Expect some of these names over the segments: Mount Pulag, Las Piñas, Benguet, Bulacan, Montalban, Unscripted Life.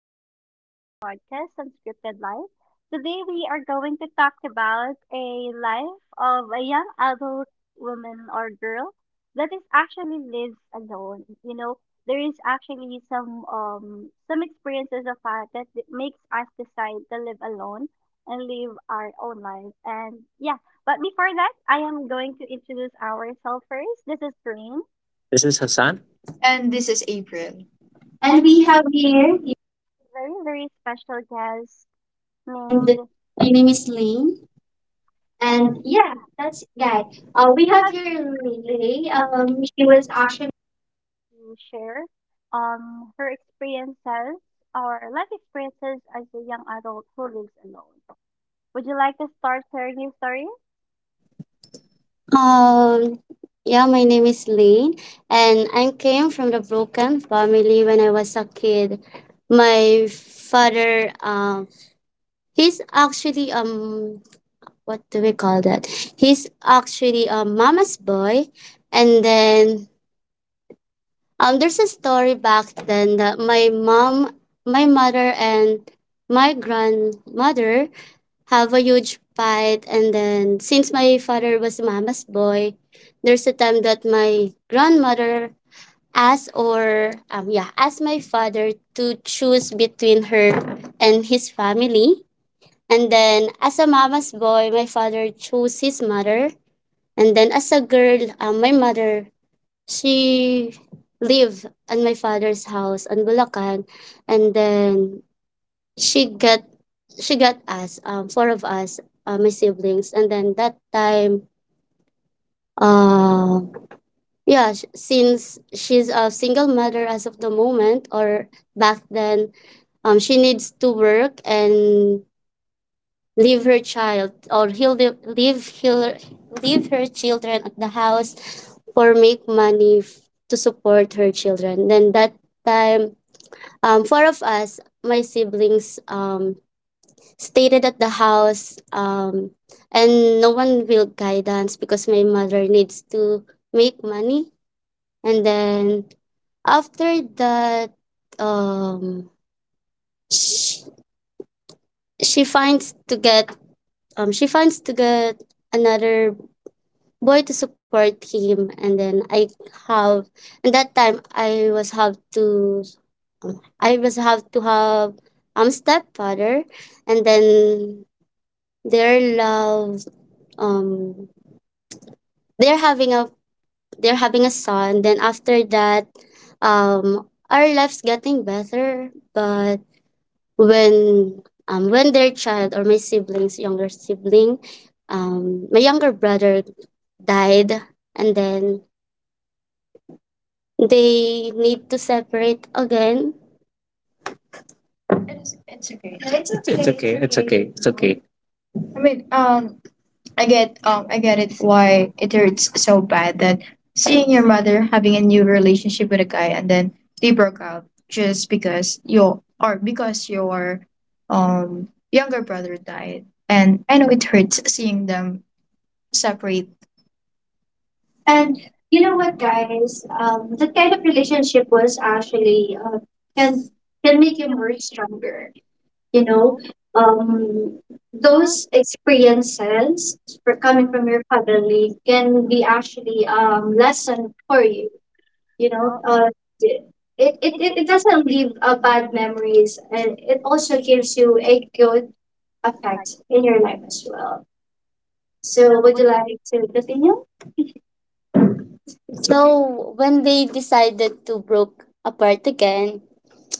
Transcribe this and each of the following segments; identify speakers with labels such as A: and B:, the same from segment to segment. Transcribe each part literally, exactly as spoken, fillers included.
A: today's session of podcast Unscripted Life. Today, we are going to talk about a life of a young adult woman or girl that is actually lives alone. You know, there is actually some um some experiences of ours that that makes us decide to live alone and live our own life. And yeah, but before that, I am going to introduce ourselves first. This is Rain.
B: This is Hassan. And this is April. And
A: And
B: we
A: we
B: have here
A: very, very special guest
B: named
A: named
B: my name is Lane. And
A: and
B: yeah, that's
A: yeah,
B: guy. Uh, we have
A: we
B: here Lay.
A: have Miel
B: Um, she was actually.
A: to share um her experiences or life experiences as a young adult who lives alone. Would you like to start sharing your story?
B: Um, yeah, my name is Lane, and I came from the broken family when I was a kid. My father, um, he's actually, um, what do we call that? He's actually a mama's boy, and then, Um, there's a story back then that my mom, my mother and my grandmother have a huge fight. And then, since my father was mama's boy, there's a time that my grandmother asked or um yeah asked my father to choose between her and his family. And then, as a mama's boy, my father chose his mother. And then, as a girl, um, my mother, she live at my father's house on Bulacan, and then she got she got us, um four of us, uh, my siblings. And then that time, uh yeah sh- since she's a single mother as of the moment or back then, um she needs to work and leave her child, or he'll leave leave, he'll, leave her children at the house, or make money f- to support her children. Then that time, um, four of us, my siblings, um, stated at the house, um, and no one will guidance because my mother needs to make money. And then after that, um, she, she finds to get, um she finds to get another boy to support him. And then I have and that time i was have to i was have to have um stepfather. And then their love um they're having a they're having a son. Then after that, um our lives getting better. But when, um when their child, or my siblings younger sibling, um my younger brother died, and then they need to separate again. It's okay. Yeah, it's okay. It's okay. It's okay. It's okay. I mean, um, I get, um, I get it, why it hurts so bad, that seeing your mother having a new relationship with a guy and then they broke up just because your or because your um younger brother died. And I know it hurts seeing them separate.
A: And
B: And you know
A: what
B: what,
A: the
B: guys? Um, that kind
A: kind
B: of
A: of
B: relationship was actually, uh,
A: experience
B: can can make
A: make
B: you
A: you
B: more stronger. You
A: you
B: know,
A: know
B: um,
A: those
B: those
A: stories
B: experiences for coming
A: coming from
B: from your family can be actually um lesson for you.
A: you,
B: You
A: you know
B: know, uh, it, it,
A: it it
B: it, it doesn't
A: definitely
B: leave, uh, bad memories, and it
A: is
B: also gives you a good
A: a fact.
B: effect in your life as well. So,
A: So
B: would
A: would
B: you
A: you
B: like to continue? So when they decided to broke apart again,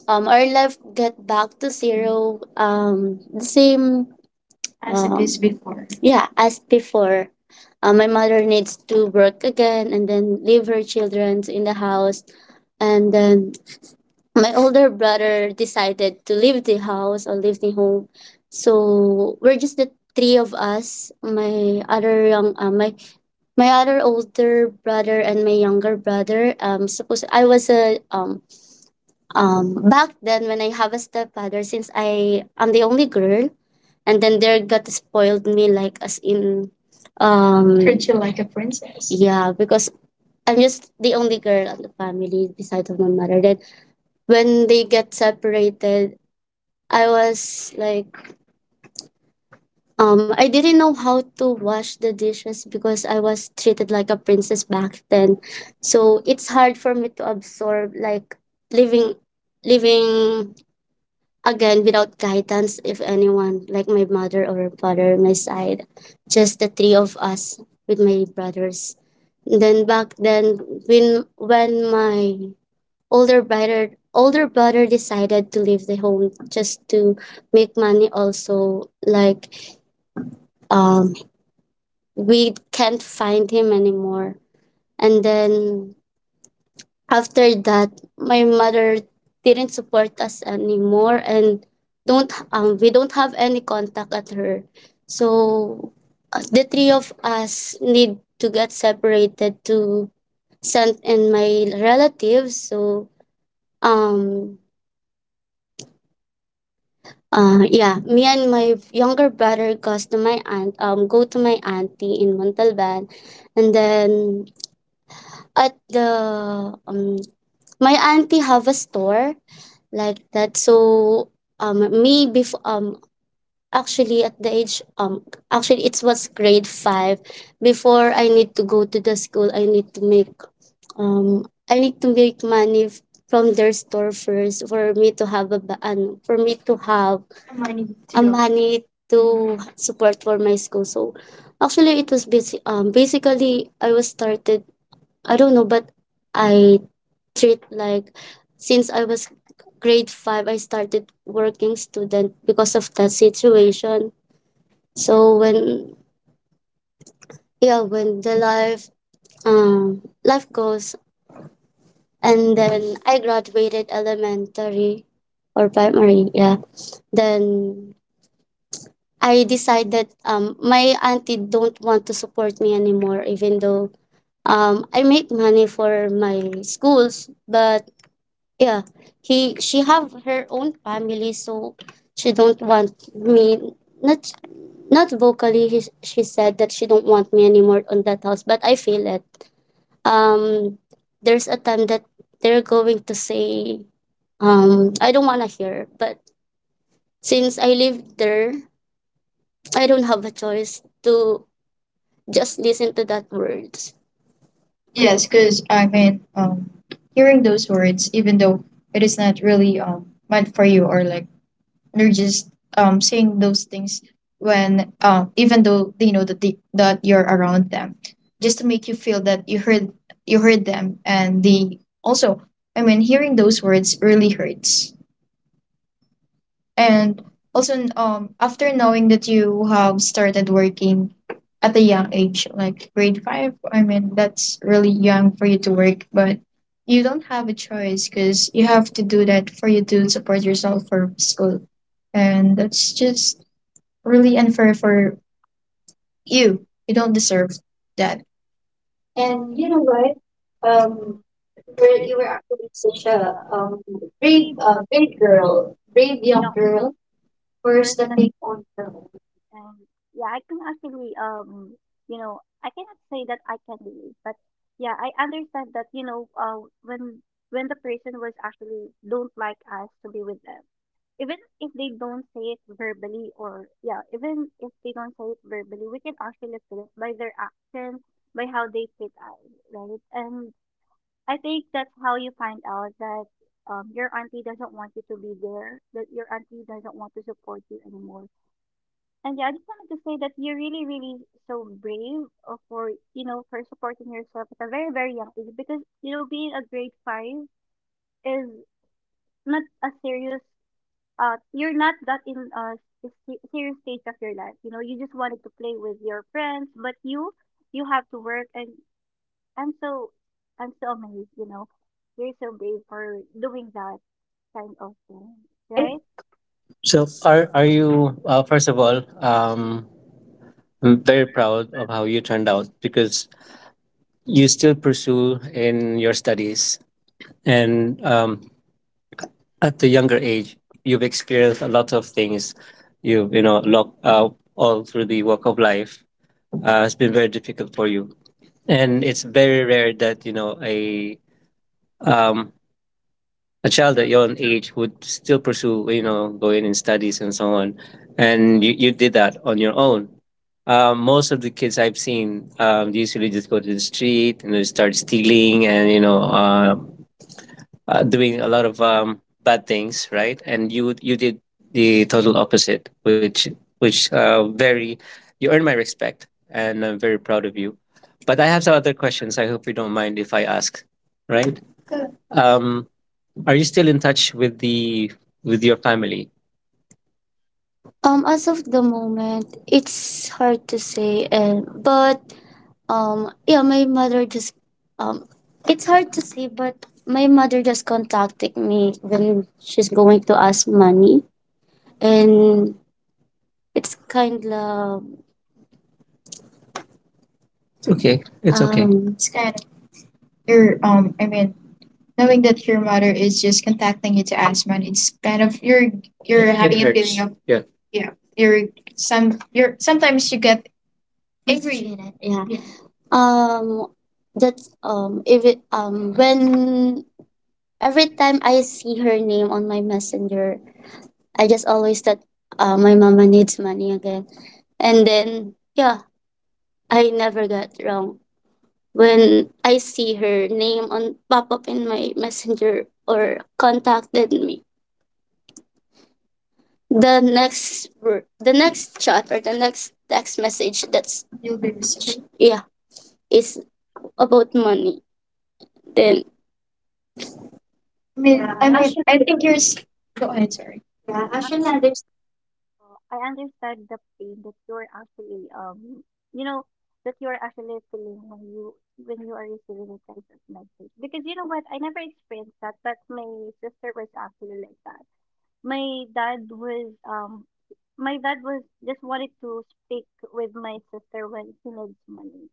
B: um, our life got back to zero. Um, the same as it, um, is before. Yeah, as before. Uh, my mother needs to work again and then leave her children in the house, and then my older brother decided to leave the house or leave the home. So we're just the three of us. My other young uh, my my other older brother and my younger brother. Um suppose I was a um um back then, when I have a stepfather, since I am the only girl, and then there got spoiled me like, as in, um treat you like a princess. Yeah, because I'm just the only girl in the family beside of my mother. Then when they get separated, I was like, um, I didn't know how to wash the dishes, because I was treated like a princess back then. So it's hard for me to absorb, like living, living again without guidance, if anyone, like my mother or father, my side, just the three of us with my brothers. Then back then, when when my Older brother older brother decided to leave the home just to make money also, like, um we can't find him anymore. And then after that, my mother didn't support us anymore, and don't um we don't have any contact at her. So, uh, the three of us need to get separated to send in my relatives. So um Uh, yeah, me and my younger brother goes to my aunt, um, go to my auntie in Montalban. And then at the um, my auntie have a store like that. So, um, me before, um, actually, at the age um actually it was grade five before I need to go to the school. I need to make um I need to make money f- from their store first, for me to have a ba- ano, for me to have Money to a too. Money to support for my school. So actually it was busy um basically, I was started, I don't know, but I treat, like, since I was grade five, I started working student because of that situation. So when yeah, when the life um life goes, and then I graduated elementary or primary, yeah. Then I decided, um my auntie don't want to support me anymore, even though um I make money for my schools. But yeah, he she have her own family, so she don't want me, not not vocally. He, she said that she don't want me anymore on that house, but I feel it. um there's a time that they're going to say, um I don't want to hear, but since I live there, I don't have a choice to just listen to that words. Yes, because I mean, um, hearing those words, even though it is not really um meant for you, or like, they're just um saying those things when, um even though they know that they, that you're around them, just to make you feel that you heard you heard them. And they also, I mean, hearing those words really hurts. And also, um, after knowing that you have started working at a young age, like grade five, I mean, that's really young for you to work. But you don't have a choice because you have to do that for you to support yourself for school. And that's just really unfair for you. You don't deserve that. And
A: and
B: you
A: you
B: know what? Um,
A: um
B: were,
A: were
B: you
A: you
B: were
A: were
B: actually such a,
A: uh,
B: um, brave,
A: pretty
B: uh,
A: uh,
B: brave girl, brave young
A: young
B: girl. First,
A: first
B: the
A: and
B: take on the role,
A: Um, yeah, I can actually, um, you know, I cannot say that I can relate, but yeah, I understand that, you know, uh, when when the person was actually don't like us to be with them, even if they don't say it verbally, or yeah, even if they don't say it verbally, we can actually feel it by their actions, by how they treat us, right? And I think that's how you find out that um, your auntie doesn't want you to be there, that your auntie doesn't want to support you anymore and yeah, I just wanted to say that you're really, really so brave uh, for, you know, for supporting yourself at a very, very young age because, you know, being a grade five is not a serious, uh, you're not that in a s- se- serious stage of your life. You know, you just wanted to play with your friends, but you, you have to work and I'm so, I'm so amazed, you know, you're so brave for doing that kind of thing,
B: right?
A: right?
B: So, are are you uh, first of all, um I'm very proud of how you turned out, because you still pursue in your studies. And um at the younger age, you've experienced a lot of things. You you know, lock, uh, all through the walk of life. Uh, it's been very difficult for you, and it's very rare that you know a, um a child at your own age would still pursue, you know, going in studies and so on. And you, you did that on your own. Um, most of the kids I've seen, um, usually just go to the street, and they start stealing and, you know, uh, uh, doing a lot of, um, bad things, right? And you you did the total opposite, which which uh, very you earn my respect, and I'm very proud of you. But I have some other questions. I hope you don't mind if I ask, right? Sure. Um, are you still in touch with the with your family? Um, as of the moment, it's hard to say, and but um, yeah, my mother just um, it's hard to say, but my mother just contacted me when she's going to ask money, and it's kind of, okay, it's okay. um, It's kind of your um. I mean, knowing that your mother is just contacting you to ask money, it's kind of, you're you're It- it having it a hurts, feeling of, yeah, yeah you're some you're sometimes you get angry. Appreciate. Yeah. Yeah. Um, that's um if it um when every time I see her name on my messenger, I just always thought, uh, my mama needs money again. And then yeah, I never got wrong when I see her name on pop up in my messenger or contacted me. The next ver- the next chat or the next text message that's you'll be receiving, yeah, is about money. Then i mean
A: Yeah,
B: i,
A: I,
B: mean, I think yours, go ahead, sorry, yeah,
A: I'm
B: actually there's—
A: Uh, I understand the pain that you're actually um you know that you're actually feeling when you when you are receiving a kind of message because you know what I never experienced that but my sister was actually like that. My dad was um my dad was just wanted to speak with my sister when she needs money,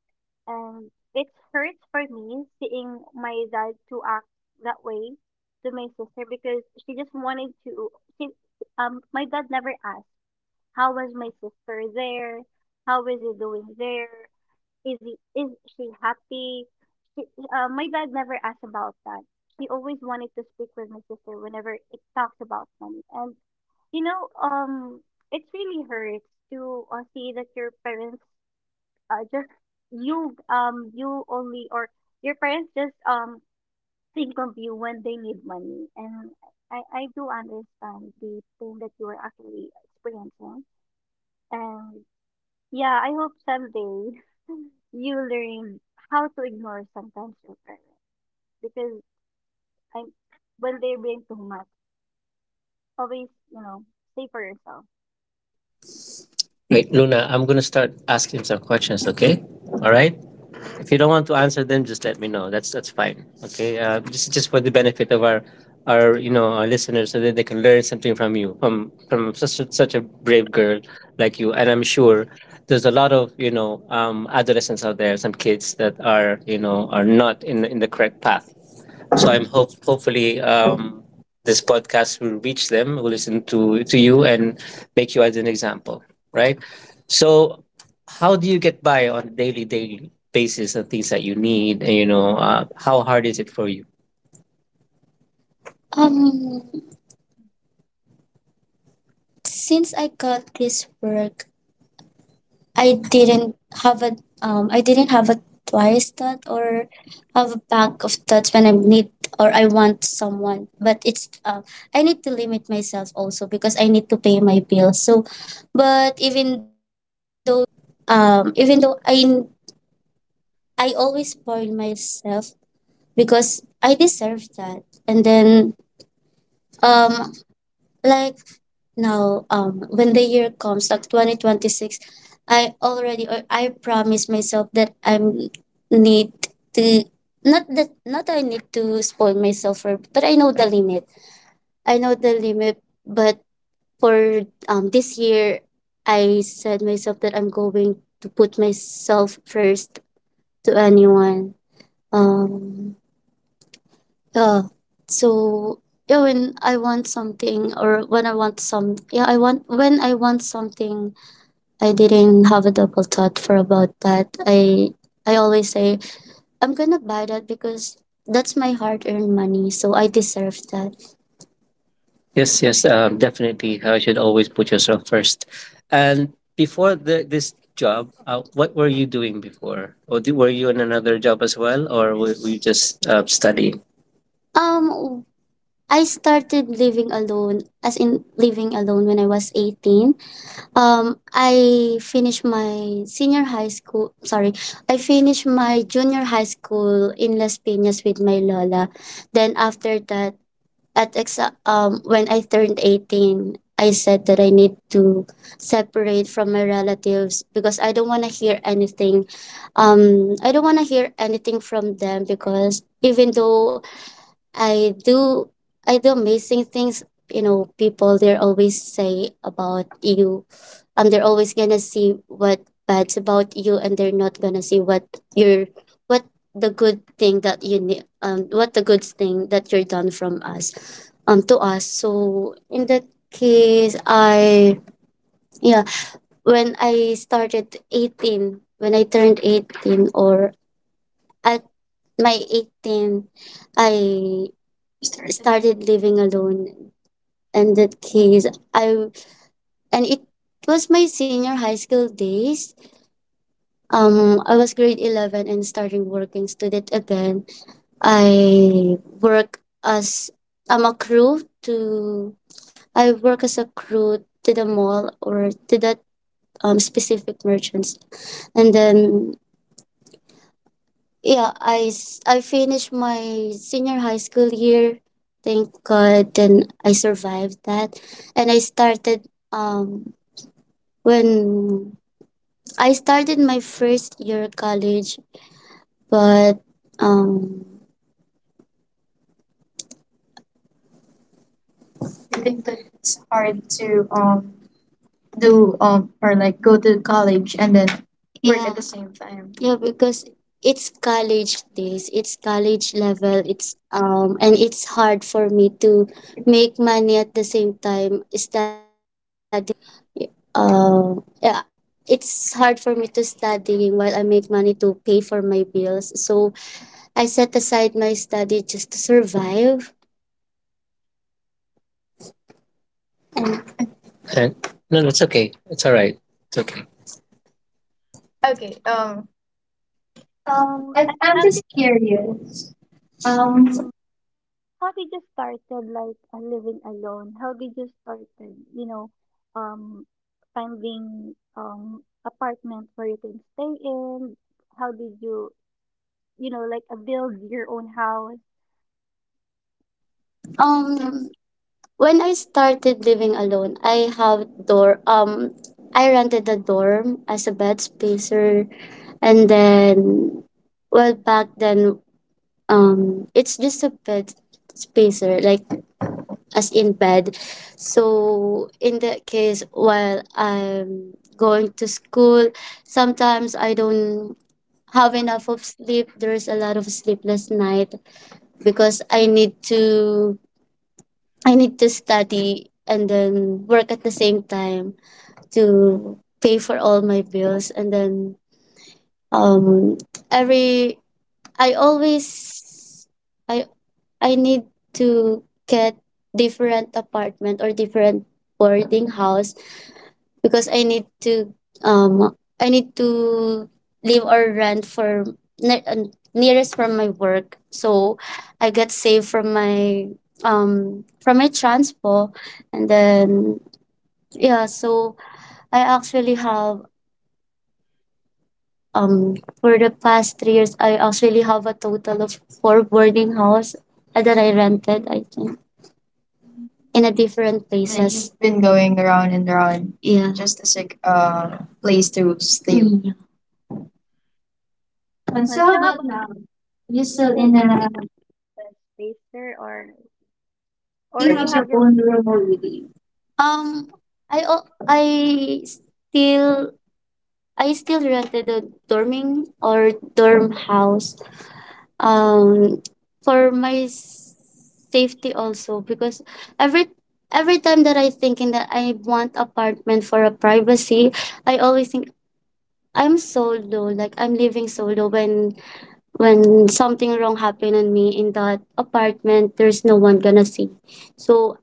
A: and it hurts for me seeing my dad to act that way to my sister because she just wanted to she um my dad never asked how was my sister there? How is he doing there? Is he is she happy? She, uh, my dad never asked about that. He always wanted to speak with my sister whenever it talks about money. And you know, um, it really hurts to uh, see that your parents uh, just you um you only or your parents just um think of you when they need money. And I I do understand the pain that you are actually experiencing. And yeah, I hope someday you learn how to ignore sometimes your parents because I'm when they bring too much, always you know say for yourself.
B: wait, Luna, I'm going to start asking some questions, okay? All right. If you don't want to answer them, just let me know. That's, that's fine. Okay. Uh, this is just for the benefit of our our you know our listeners, so that they can learn something from you, from from such a, such a brave girl like you. And I'm sure there's a lot of, you know um, adolescents out there, some kids that are, you know are not in in the correct path. So I'm hope hopefully, um, this podcast will reach them, will listen to to you, and make you as an example, right? So how do you get by on a daily daily basis on things that you need? And, you know, uh, how hard is it for you? Um, since I got this work I didn't have a um I didn't have a twice that or have a pack of thoughts when I need or I want someone. But it's uh, I need to limit myself also because I need to pay my bills. So, but even though um even though I I always spoil myself because I deserve that. And then um like now, um, when the year comes, like twenty twenty-six, I already or I promise myself that I'm need to not that not I need to spoil myself for, but I know the limit. I know the limit, but for um this year, I said myself that I'm going to put myself first to anyone. Um, uh, so yeah, when I want something or when I want some yeah, I want when I want something, I didn't have a double thought for about that. I I always say I'm gonna buy that because that's my hard-earned money, so I deserve that. Yes, yes, um, definitely. Uh, you should always put yourself first. And before the, this job, uh, what were you doing before? Or did, were you in another job as well, or were, were you just uh, studying? Um, I started living alone, as in living alone when I was eighteen. Um, I finished my senior high school, sorry, I finished my junior high school in Las Piñas with my lola. Then after that, at exa- um, when I turned eighteen, I said that I need to separate from my relatives because I don't want to hear anything. Um, I don't want to hear anything from them because even though I do I do amazing things. You know, people they're always say about you, and they're always gonna see what bad's about you, and they're not gonna see what your what the good thing that you need, um, what the good thing that you're done from us, um, to us. So in that case, I yeah, when I started eighteen, when I turned eighteen, or at my eighteen, I started living alone and that case I and it was my senior high school days, um I was grade eleven and starting working student again, I work as I'm a crew to I work as a crew to the mall or to that um, specific merchants. And then, yeah, I, s- I finished my senior high school year. Thank God. Then I survived that. And I started um when I started my first year of college, but um I think that it's hard to um do um or like go to college and then work, yeah, at, yeah, the same time. Yeah, because it's college days, it's college level, it's um and it's hard for me to make money at the same time studying for, um yeah, it's hard for me to studying while I make money to pay for my bills. So I set aside my study just to survive. And Uh, no, that's okay. It's all right. It's okay. Okay. Um Um,
A: Um,
B: I,
A: and
B: I'm
A: I'm
B: just
A: just
B: curious. Um,
A: um, how did you started like uh, living alone? How did you started you know um finding um apartment where you can stay in? How did you you know like uh, build your own house?
B: Um, when I started living alone, I have door. Um, I rented a dorm as a bed spacer, and then, well, back then, um, it's just a bed spacer, like as in bed. So in that case, while I'm going to school, sometimes I don't have enough of sleep. There's a lot of sleepless night, because I need to I need to study and then work at the same time to pay for all my bills. And then um every I always I I need to get different apartment or different boarding house because I need to, um I need to live or rent for ne- uh, nearest from my work. So I get saved from my um from my transport. And then yeah, so I actually have, um for the past three years I actually have a total of four boarding house uh, that I rented, I think, in a different, like, places. Been going around and around, yeah, just to seek a place to sleep.
A: Uh, So how about you still in a space there or?
B: Real or
A: Or
B: you have
A: you
B: search
A: have
B: your
A: your
B: room already? Um, I al- I still, I still rented a dorming or dorm house. Um, for my s- safety also, because every every time that I thinking that I want apartment for a privacy, I always think I'm solo. Like I'm living solo, when when something wrong happened on me in that apartment, there's no one gonna see. So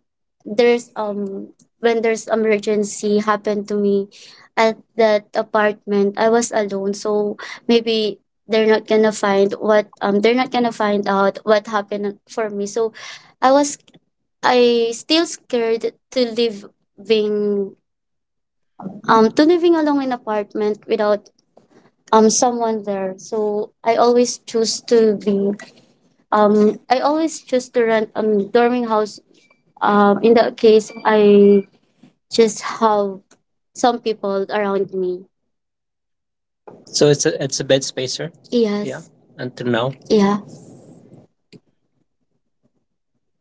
B: there's, um when there's emergency happened to me at that apartment, I was alone, so maybe they're not gonna find what, um they're not gonna find out what happened for me. So I was, I still scared to living um to living alone in apartment without um someone there. So I always choose to be, um, I always choose to rent um dorming house. Um, in that case, I just have some people around me. So it's a, it's a bed spacer. Yeah. Yes. Until now. Yeah.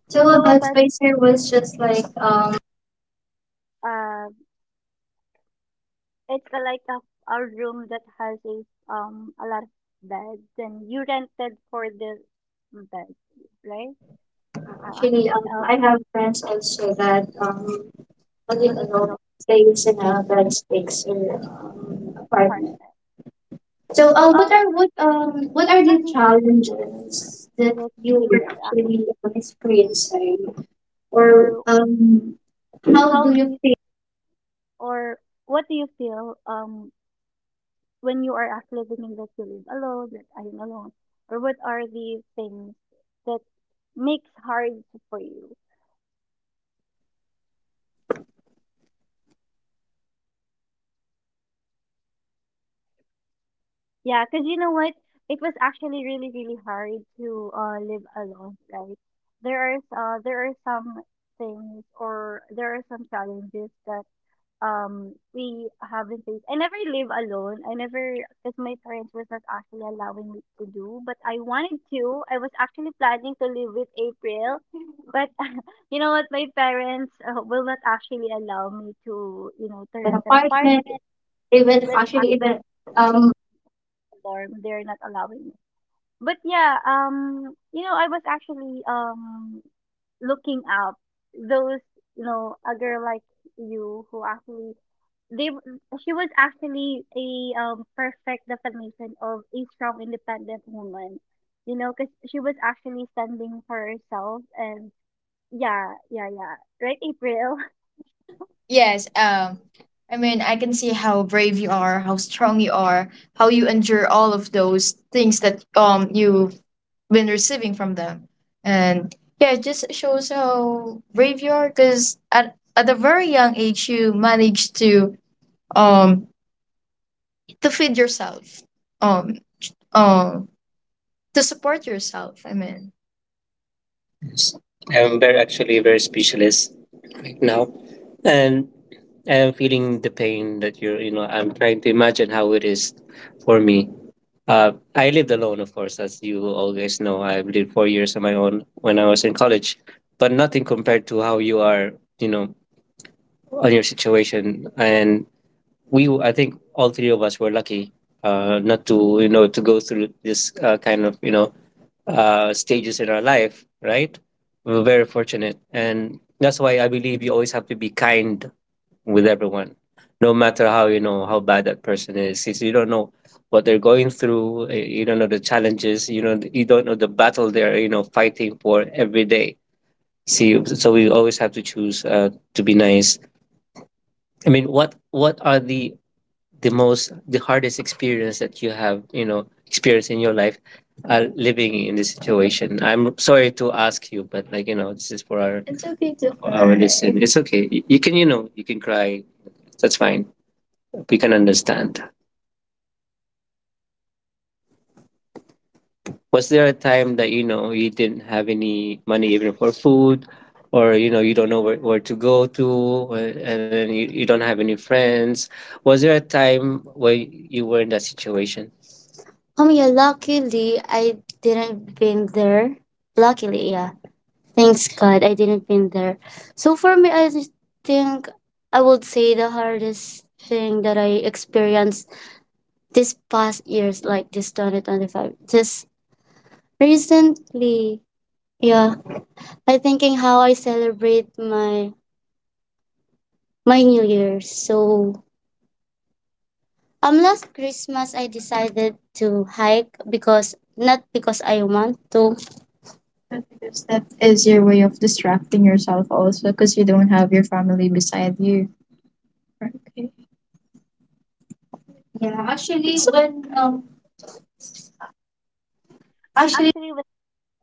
B: So a
A: so
B: bed
A: but
B: spacer was just like, um
A: uh it's a, like a, a room that has a um a lot of beds and you rented for the bed right uh,
B: actually
A: actually
B: um
A: um
B: I have friends also that um
A: I
B: live
A: live
B: alone,
A: alone
B: stays in
A: in
B: a bed spacer,
A: um,
B: um,
A: apartment
B: apartment. So
A: so
B: um
A: uh
B: what
A: what
B: are what um what are
A: are
B: the
A: the
B: challenges that
A: that
B: you
A: you
B: were
A: were
B: actually um,
A: actually
B: experiencing?
A: rented?
B: Or
A: Or
B: um, how
A: how
B: do
A: do
B: you
A: you or what do you feel um when you are actually thinking that you live alone that I am alone or what are the things that makes hard for you? Yeah, because you know what? It was actually really, really hard to uh, live alone, right? There is uh, there are some things or there are some challenges that um we haven't faced. I never live alone. I never because my parents was not actually allowing me to do, but I wanted to. I was actually planning to live with April, but you know what? My parents uh, will not actually allow me to you know
B: pay
A: to
B: an
A: rent an
B: apartment,
A: apartment,
B: even
A: even a
B: actually, even, um,
A: dorm. They're not allowing me. But yeah, um, you know, I was actually um looking up those, you know, a girl like you who actually they w- she was actually a um perfect definition of a strong, independent woman. You know, because she was actually standing for herself and yeah, yeah, yeah. Right, April.
B: yes, um, I mean, I can see how brave you are, how strong you are, how you endure all of those things that um you've been receiving from them. And yeah, it just shows how brave you are. Because at at a very young age, you managed to um to feed yourself, um um to support yourself. I mean. Yes. And we're actually very specialist right now. And I am feeling the pain that you're, you know, I'm trying to imagine how it is for me. Uh, I lived alone, of course, as you all guys know. I've lived four years on my own when I was in college, but nothing compared to how you are, you know, on your situation. And we, I think all three of us were lucky uh, not to, you know, to go through this uh, kind of, you know, uh, stages in our life, right? We're very fortunate. And that's why I believe you always have to be kind with everyone, no matter how, you know how bad that person is. Since you don't know what they're going through, eh, you don't know the challenges, you know, you don't know the battle they're, you know, fighting for every day. See, so we always have to choose uh, to be nice. I mean, what what are the the most the hardest experience that you have, you know experienced in your life, uh, living in this situation? I'm sorry to ask you, but like, you know, this is for our, it's okay to for our cry, listen, it's okay. Y- you can, you know, you can cry, that's fine. We can understand. Was there a time that, you know, you didn't have any money even for food, or you know, you don't know where, where to go to, or and then you, you don't have any friends? Was there a time where you were in that situation? Um, yeah, luckily I didn't been there. Luckily, yeah. Thanks God I didn't been there. So for me, I just think I would say the hardest thing that I experienced this past years, like this twenty twenty-five, just recently. Yeah, I thinking how I celebrate my my New Year. So, um, last Christmas I decided to hike, because not because I want to, because that is your way of distracting yourself also, because you don't have your family beside you. Okay. Yeah, actually, when, um, actually,
A: Actually, when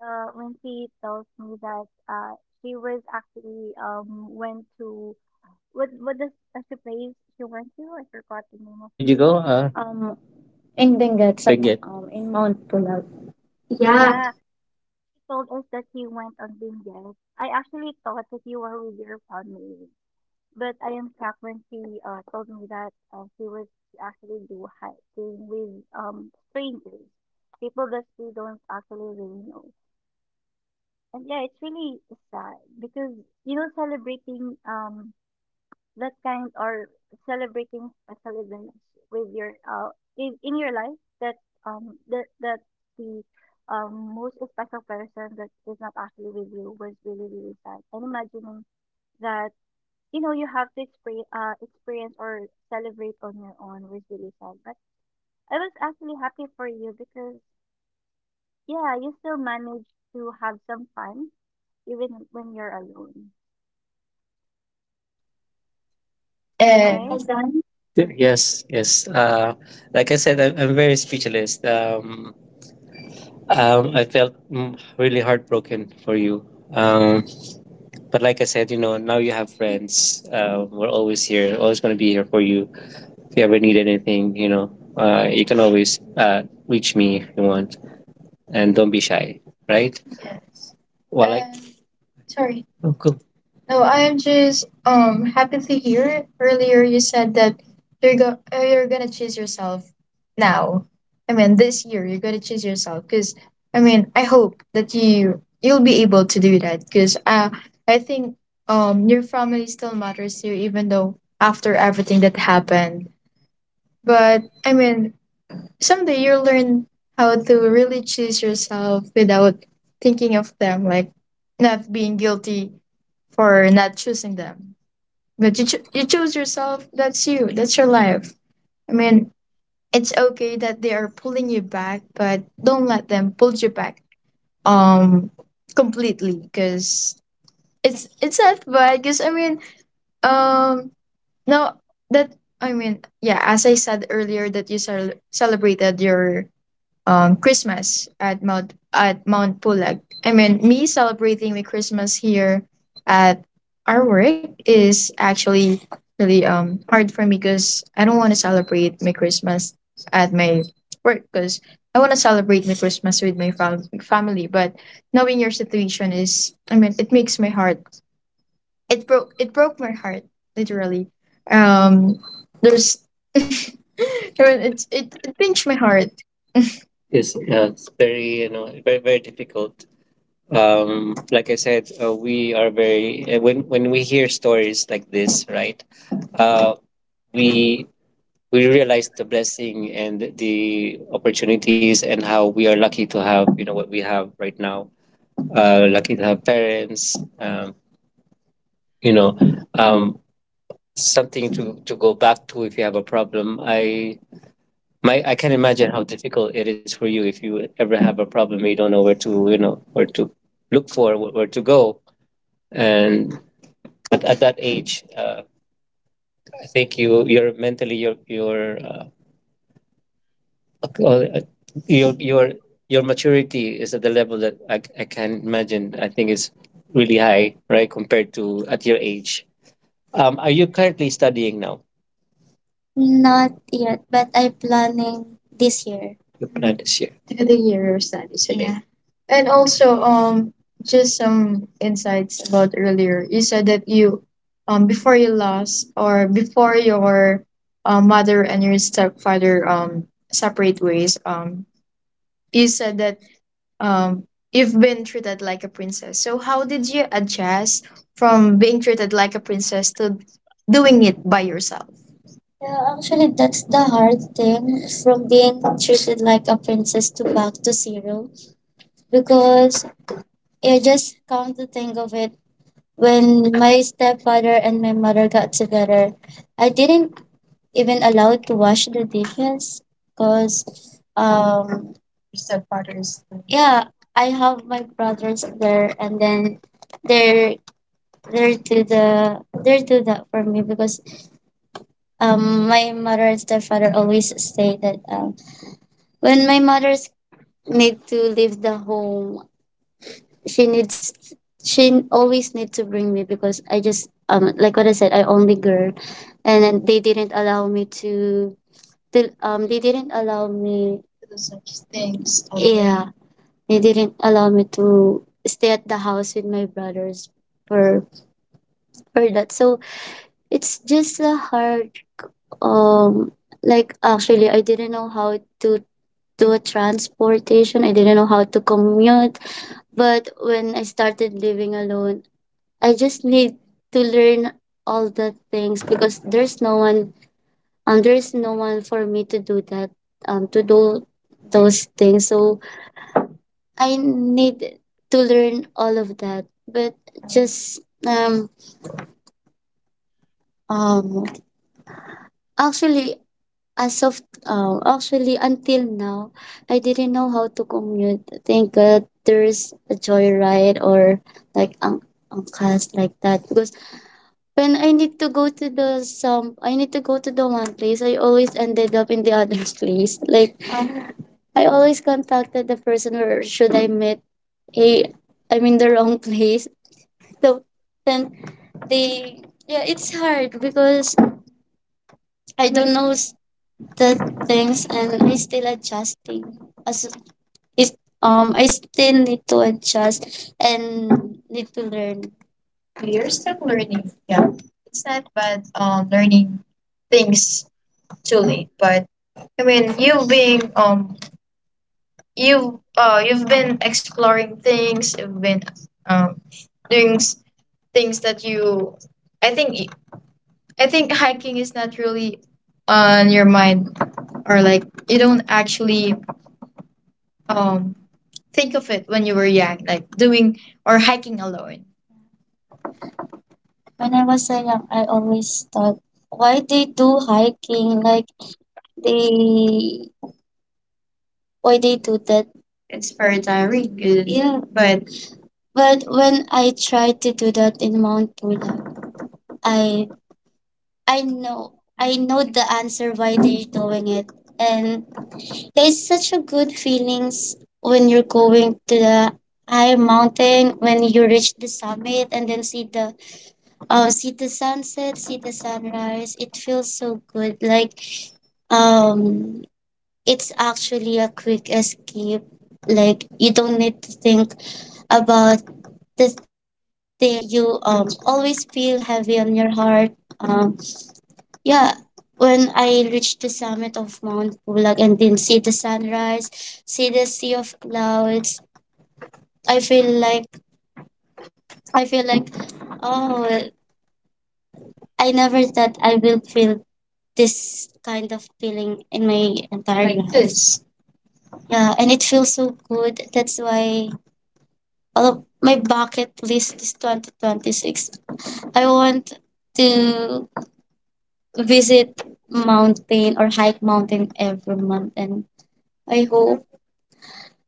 A: uh when she tells me that uh she was actually um went to What what does as the place she went to? I forgot the name of
B: where did you go?
A: place.
B: Uh, Um, in Benguet, sa, Benguet, um, in Mount Pulag, yeah,
A: Yeah, he told us that he went on Benguet. I actually thought that you were with your family, but I am shocked when she uh, told me that uh, she was actually do hiking with um strangers, people that we don't actually really know. And yeah, it's really sad because you know celebrating um that kind or celebrating special events with your uh in, in your life that um that that the um most special person that is not actually with you was really really sad and imagining that you know you have to experience uh experience or celebrate on your own was really sad but I was actually happy for you because yeah you still managed to have some fun even when you're alone all
B: and
A: right
B: Kazan. Y- Yes, yes. Uh, like I said, I'm, I'm very speechless. Um, um, I felt, mm, really heartbroken for you. Um, but like I said, you know, now you have friends. Uh, we're always here, always going to be here for you. If you ever need anything, you know, uh, you can always uh, reach me if you want, and don't be shy, right? Yes. Well, I Um, sorry. Oh, cool. No, I am just um happy to hear it. Earlier you said that you're go uh, you're gonna choose yourself now. I mean, this year you're gonna choose yourself, because I mean I hope that you you'll be able to do that, because uh, I think um your family still matters to you, even though after everything that happened. But I mean, someday you'll learn how to really choose yourself without thinking of them, like not being guilty for not choosing them. But you, cho- you choose yourself, that's you, that's your life. I mean, it's okay that they are pulling you back, but don't let them pull you back um completely because it's it's not bad because I mean um no that I mean yeah as I said earlier that you cel- celebrated your um, Christmas at Mount at Mount Pulag. I mean, me celebrating my Christmas here at our work is actually really um hard for me because I don't want to celebrate my Christmas at my work because I want to celebrate my Christmas with my fam- family. But knowing your situation is, I mean, it makes my heart. It broke. It broke my heart literally. Um, there's. I mean, it's it, it pinched my heart. Yes, yeah, it's very, you know very very difficult. Um, like I said, uh, we are very, uh, when when we hear stories like this, right? Uh, we we realize the blessing and the opportunities and how we are lucky to have, you know, what we have right now. Uh, lucky to have parents. Um, you know, um, something to to go back to if you have a problem. I My, I can imagine how difficult it is for you if you ever have a problem. You don't know where to, you know, where to look for, wh- where to go, and at, at that age, uh, I think you, you're mentally, your, your, uh, well, uh, your, your, your maturity is at the level that I, c- I can imagine. I think is really high, right, compared to at your age. Um, are you currently studying now? Not yet, but I'm planning this year. You plan this year. Through the year of studies. Okay. Yeah. And also, um, just some insights about earlier. You said that you, um, before you lost or before your, uh, mother and your stepfather, um, separate ways. Um, you said that, um, you've been treated like a princess. So how did you adjust from being treated like a princess to doing it by yourself? Yeah, actually, that's the hard thing, from being treated like a princess to back to zero, because I just come to think of it when my stepfather and my mother got together, I didn't even allow to wash the dishes, because um your stepfather is, yeah, I have my brothers there and then they're they're to the they're do that for me. Because Um, my mother and stepfather always say that, um, when my mother's need to leave the home, she needs she always need to bring me, because I just, um like what I said, I only girl, and then they didn't allow me to, to um they didn't allow me do such things. Yeah, they didn't allow me to stay at the house with my brothers for for that. So it's just a hard, um like actually I didn't know how to to a transportation. I didn't know how to commute. But when I started living alone, I just need to learn all the things, because there's no one um there's no one for me to do that um to do those things. So I need to learn all of that. But just um um actually As of uh, actually until now, I didn't know how to commute. Thank God there's a joyride or like ang angkas like that. Because when I need to go to the some, I need to go to the one place. I always ended up in the other place. Like, I always contacted the person where should I meet? Hey, I'm in the wrong place. So then they, yeah, it's hard because I don't know the things and I still adjusting as it um I still need to adjust and need to learn. You're still learning. Yeah, it's not bad. Um, learning things too late, but I mean, you've been um, you uh, you've been exploring things. You've been, um, doing s- things that you. I think I think hiking is not really on your mind, or like you don't actually um think of it when you were young, like doing or hiking alone. When I was so young, I always thought, why they do hiking? Like they, why they do that? It's very tiring, uh, yeah, but But when I tried to do that in Mount Pulag, I I know I know the answer why they're doing it, and there's such a good feelings when you're going to the high mountain, when you reach the summit and then see the, um see the sunset, see the sunrise. It feels so good. Like, um it's actually a quick escape. Like you don't need to think about the things that you um always feel heavy on your heart. Um yeah, when I reached the summit of Mount Pulag and then see the sunrise, see the sea of clouds, I feel like I feel like oh, I never thought I will feel this kind of feeling in my entire Like life. This. Yeah, and it feels so good. That's why all of my bucket list is twenty twenty-six. I want to visit mountain or hike mountain every month, and I hope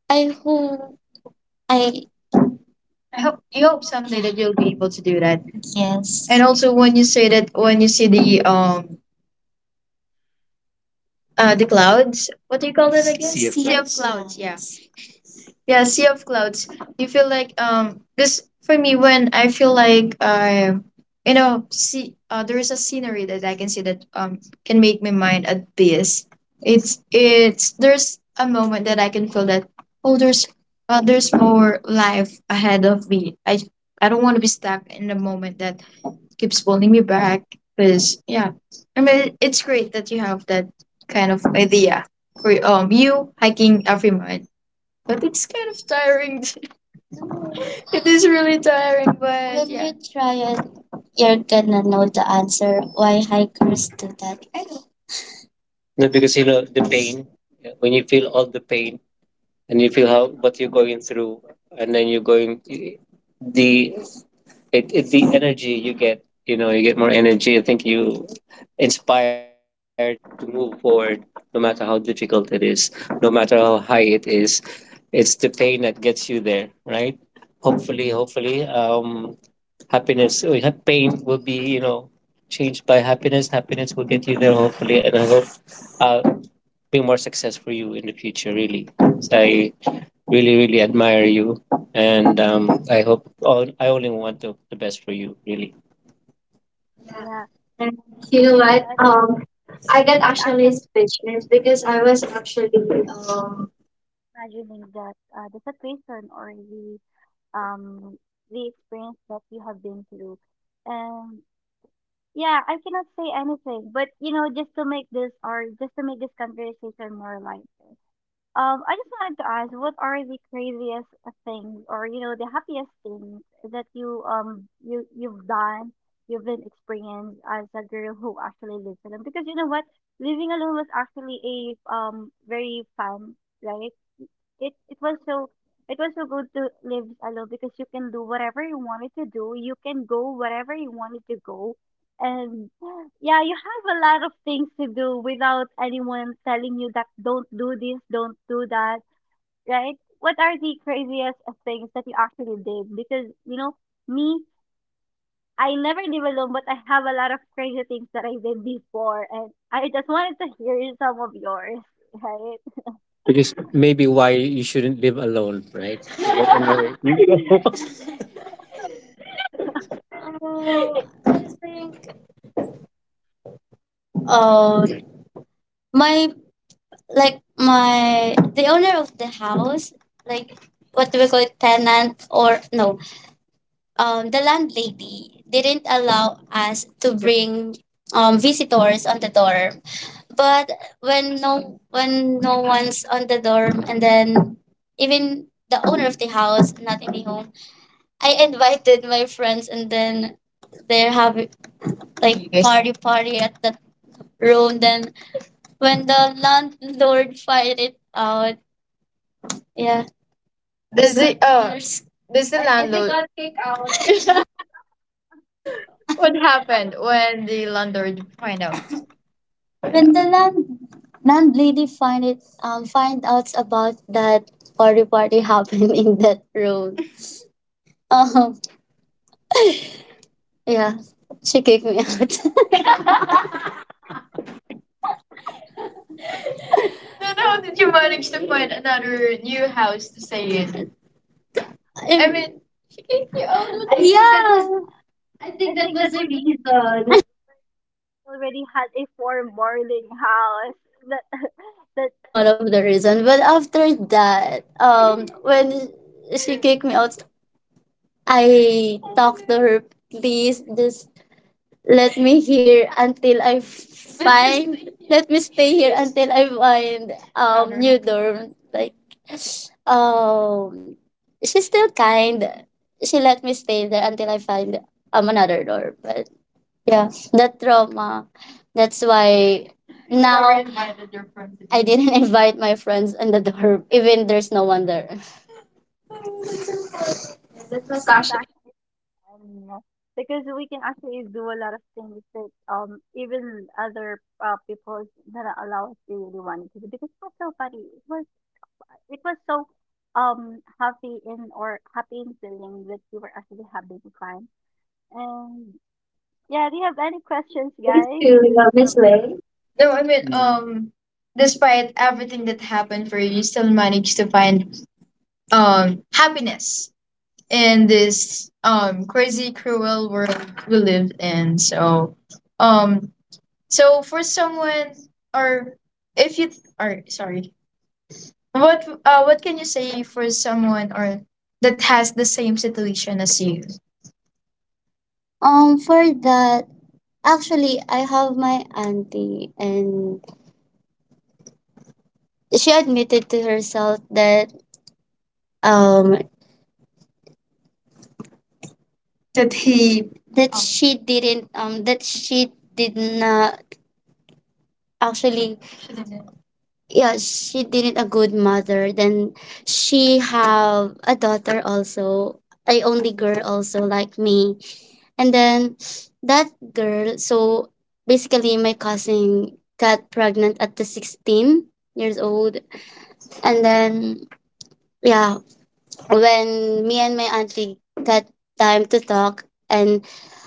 B: I hope I I hope you hope someday that you'll be able to do that. Yes. And also when you say that, when you see the, um uh the clouds, what do you call it again? Sea of Sea of clouds. Clouds, yeah. Yeah, sea of clouds. You feel like, um cause for me, when I feel like I, you know see, uh, there is a scenery that I can see that um can make my mind at peace. It's, it's there's a moment that I can feel that, oh, there's uh, there's more life ahead of me. I I don't want to be stuck in a moment that keeps pulling me back. Because, yeah, I mean, it's great that you have that kind of idea for, um you hiking every month, but it's kind of tiring. It is really tiring, but, when yeah. you try it, you're gonna know the answer why hikers do that. No, because you know the pain. Yeah, when you feel all the pain and you feel how what you're going through, and then you're going the it, it's the energy you get you know you get more energy. I think you inspire to to move forward, no matter how difficult it is, no matter how high it is. It's the pain that gets you there, right? Hopefully hopefully um happiness uh, ha- pain will be, you know changed by happiness happiness will get you there, hopefully. And I hope, uh be more success for you in the future, really. So I really really admire you, and, um, i hope all, I only want the, the best for you, really.
A: yeah
B: And
A: and
B: you
A: you
B: know
A: know
B: what?
A: what
B: Um, I
A: I
B: got
A: get actually
B: actually speechless because I was actually um.
A: imagining that uh, the situation or the um the experience that you have been through and yeah I cannot say anything but you know just to make this or just to make this conversation more lighter um I just wanted to ask what are the craziest things or you know the happiest things that you um you you've done you've been experienced as a girl who actually lives alone because you know what living alone was actually a um very fun right it it was so it was so good to live alone because you can do whatever you wanted to do. You can go wherever you wanted to go. And yeah, you have a lot of things to do without anyone telling you that don't do this, don't do that, right? What are the craziest things that you actually did? Because, you know, me, I never live alone, but I have a lot of crazy things that I did before. And I just wanted to hear some of yours, right?
B: Which is maybe why you shouldn't live alone, right? But anyway, you- oh, I think. Um, my like my the owner of the house, like what do we call it, tenant or no um, the landlady didn't allow us to bring, um, visitors on the dorm. But when no when no one's on the dorm, and then even the owner of the house not in the home, I invited my friends and then they're having like. Yes. party party at the room. Then when the landlord find it out, yeah, does the, uh there's, does the, I
A: I
B: think
A: think
B: landlord what happened when the landlord find out? When the land landlady find it um find out about that party party happened in that room. Um, yeah. She kicked me out. Then how did you manage to find another new house to stay in? I mean, she kicked you out. I think that Yeah,
A: that,
B: was- I
A: I
B: think that
A: think
B: was
A: that
B: the
A: was the reason.
B: reason.
A: Already had a four boarding house. That that
B: That's one of the reasons. But after that, um, when she kicked me out, I talked to her. Please, just let me here until I find. Let me stay here until I find um new dorm. Like, um, she's still kind. She let me stay there until I find um another dorm. But yeah, that trauma. That's why now I didn't invite my friends in the dorm, even there's no one there.
A: that's actually fun you know, because we can actually do a lot of things that um even other uh, people that are allow us to really wanted to do because it was so funny. It was it was so um happy in or happy in feeling that we were actually having fun and yeah. Do you have any questions,
B: Valley
A: guys?
B: to,
A: To
B: uh, miss
A: uh,
B: way. No, I mean, mm, um, despite everything that happened for you, you still managed to find, um happiness in this, um crazy, cruel world we live in. So, um, so for someone, or if you, or sorry, what, uh, what can you say for someone or that has the same situation as you? Um, for that, actually, I have my auntie, and she admitted to herself that um that he that, um, she didn't um that she did not actually she didn't. Yeah, she didn't a good mother then. She have a daughter, also a only girl also like me, and then that girl, so basically my cousin got pregnant at the sixteen years old. And then, yeah, when me and my auntie got time to talk, and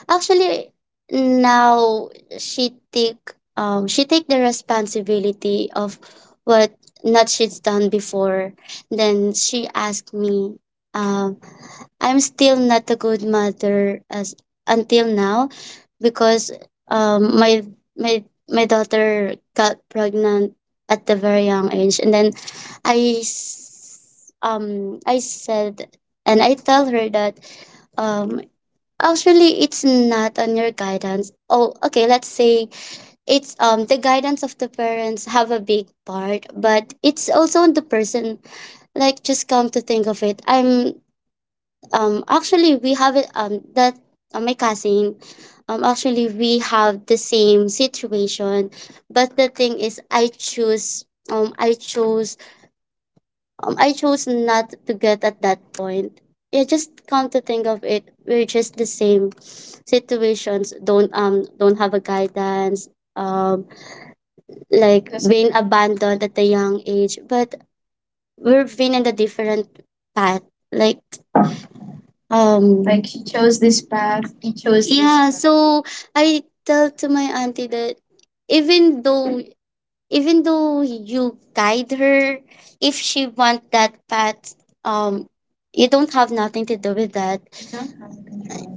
B: actually now she take um she take the responsibility of what not she's done before. Then she asked me, um I'm still not a good mother as until now because um my my my daughter got pregnant at the very young age. And then I s- um I said and I tell her that um actually it's not on your guidance. Oh, okay, let's say it's um the guidance of the parents have a big part, but it's also on the person. Like, just come to think of it, I'm um actually we have it, um that uh, my cousin, um actually we have the same situation, but the thing is i choose um i chose um, I chose not to get at that point. Yeah, just come to think of it, we're just the same. Situations don't um don't have a guidance. Um, like, yes, being abandoned at a young age, but we've been in a different path. Like um Like she chose this path, he chose this, yeah, path. So I tell to my auntie that even though even though you guide her, if she wants that path, um you don't have nothing to do with that.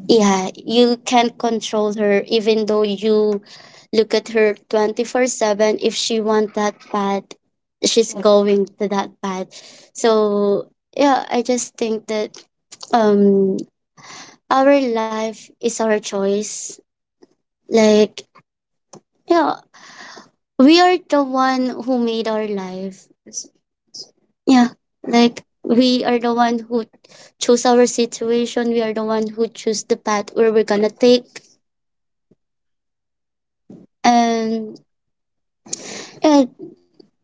B: Yeah, you can't control her even though you look at her twenty-four seven. If she wants that path, she's going to that path. So yeah, I just think that um our life is our choice. Like, yeah, we are the one who made our life. Yeah, like we are the one who choose our situation. We are the one who choose the path where we're gonna take. And yeah,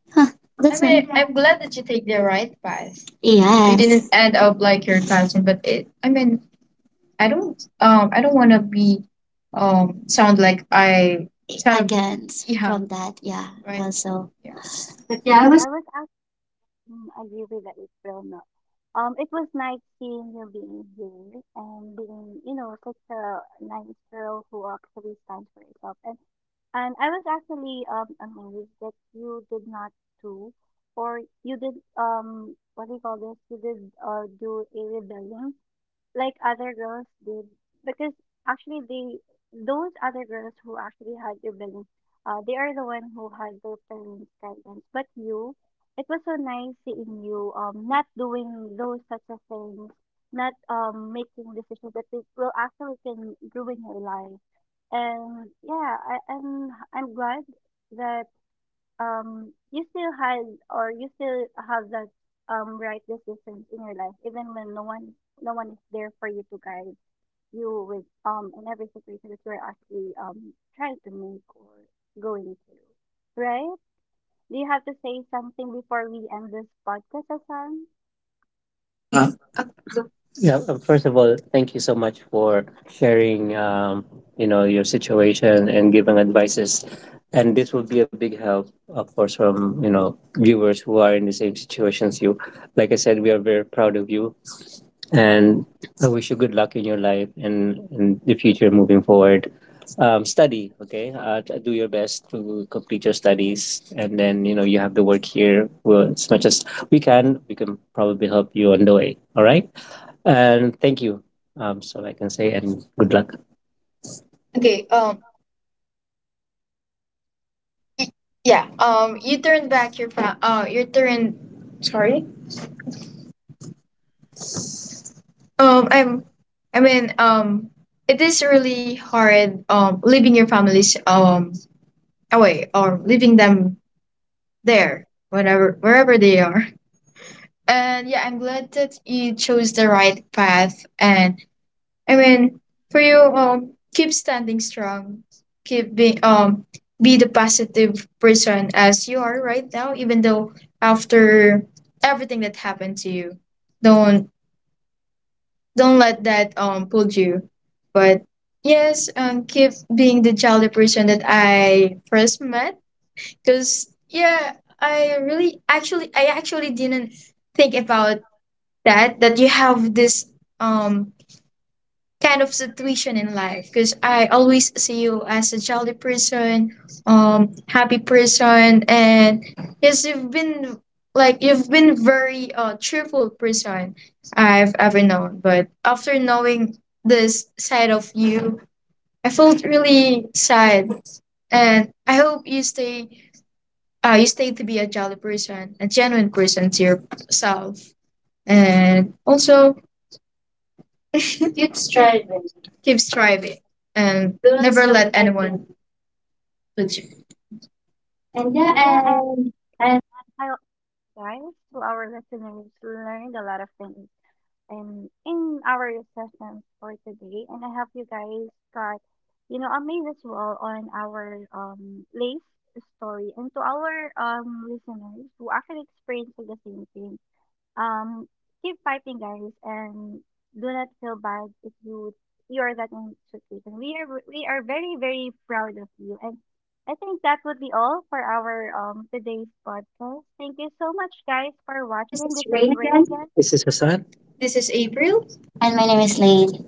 B: huh, that's I that's it. I'm
A: yeah,
B: glad that you take the right path. You, yes, didn't, yes, end up like your cousin, but it. I mean, I don't. Um, I don't want to be. Um, sound like I sound. Against, yeah, from that, yeah. Right. Also, yeah. But yeah,
A: yeah, I was Mm, I agree with that, April. Not. Um, it was nice seeing you being here and being, you know, such a nice girl who actually stands for herself. And and I was actually um amazed that you did not do, or you did um what do you call this? You did uh do a rebellion like other girls did because actually they those other girls who actually had rebellion uh they are the one who had their parents guidance but you it was so nice seeing you um not doing those such a things not um making decisions that it will actually can ruin your life and yeah I, i'm i'm glad that um you still had or you still have that um right decisions in your life even when no one no one is there for you to guide you with um in every situation that you're actually um trying to make or going through right? Do you have to say something before we end this podcast Asan?
B: I mean, Uh, uh, so- yeah. uh, First of all, thank you so much for sharing Um, you know your situation and giving advices, and this will be a big help, of course, from you know viewers who are in the same situation as you. Like I said, we are very proud of you, and I wish you good luck in your life and in the future moving forward. Um, study, okay? Uh, t- do your best to complete your studies, and then you know you have to work here well, as much as we can. We can probably help you on the way. All right, and thank you. Um, so I can say, and good luck. Okay. Um. y- Yeah. Um. You turn back your. Pro- uh. You turn. Sorry. Um. I'm. I mean. Um. It is really hard. Um. Leaving your families Um. away, or leaving them there whenever wherever they are. And yeah, I'm glad that you chose the right path. And I mean, for you, um, keep standing strong. Keep being um, be the positive person as you are right now. Even though after everything that happened to you, don't don't let that um pull you. But yes, um, keep being the jolly person that I first met. Because yeah, I really actually I actually didn't think about that that you have this um kind of situation in life, because I always see you as a jolly person, um happy person, and yes, you've been like you've been very uh cheerful person I've ever known. But after knowing this side of you, I felt really sad, and I hope you stay uh, you stay to be a jolly person, a genuine person to yourself, and also Keep
A: Keep
B: striving. keep striving and don't never stop, let anyone put you. And yeah,
A: and yeah and
B: and,
A: I guys to our listeners learned a lot of things in in our sessions for today, and I hope you guys got you know amazed as well on our um lace story, and to our um listeners who actually experienced the same thing. Um, keep fighting, guys, and do not feel bad if you you are that in situation. We are we are very very proud of you, and I think that would be all for our um today's podcast. Thank you so much, guys, for
B: and this
A: watching.
B: is
A: This is
B: Rain
A: Rain
B: again.
A: again.
B: This is Hassan. This is April. And my name is Lane.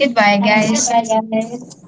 B: Goodbye, guys. Bye, guys.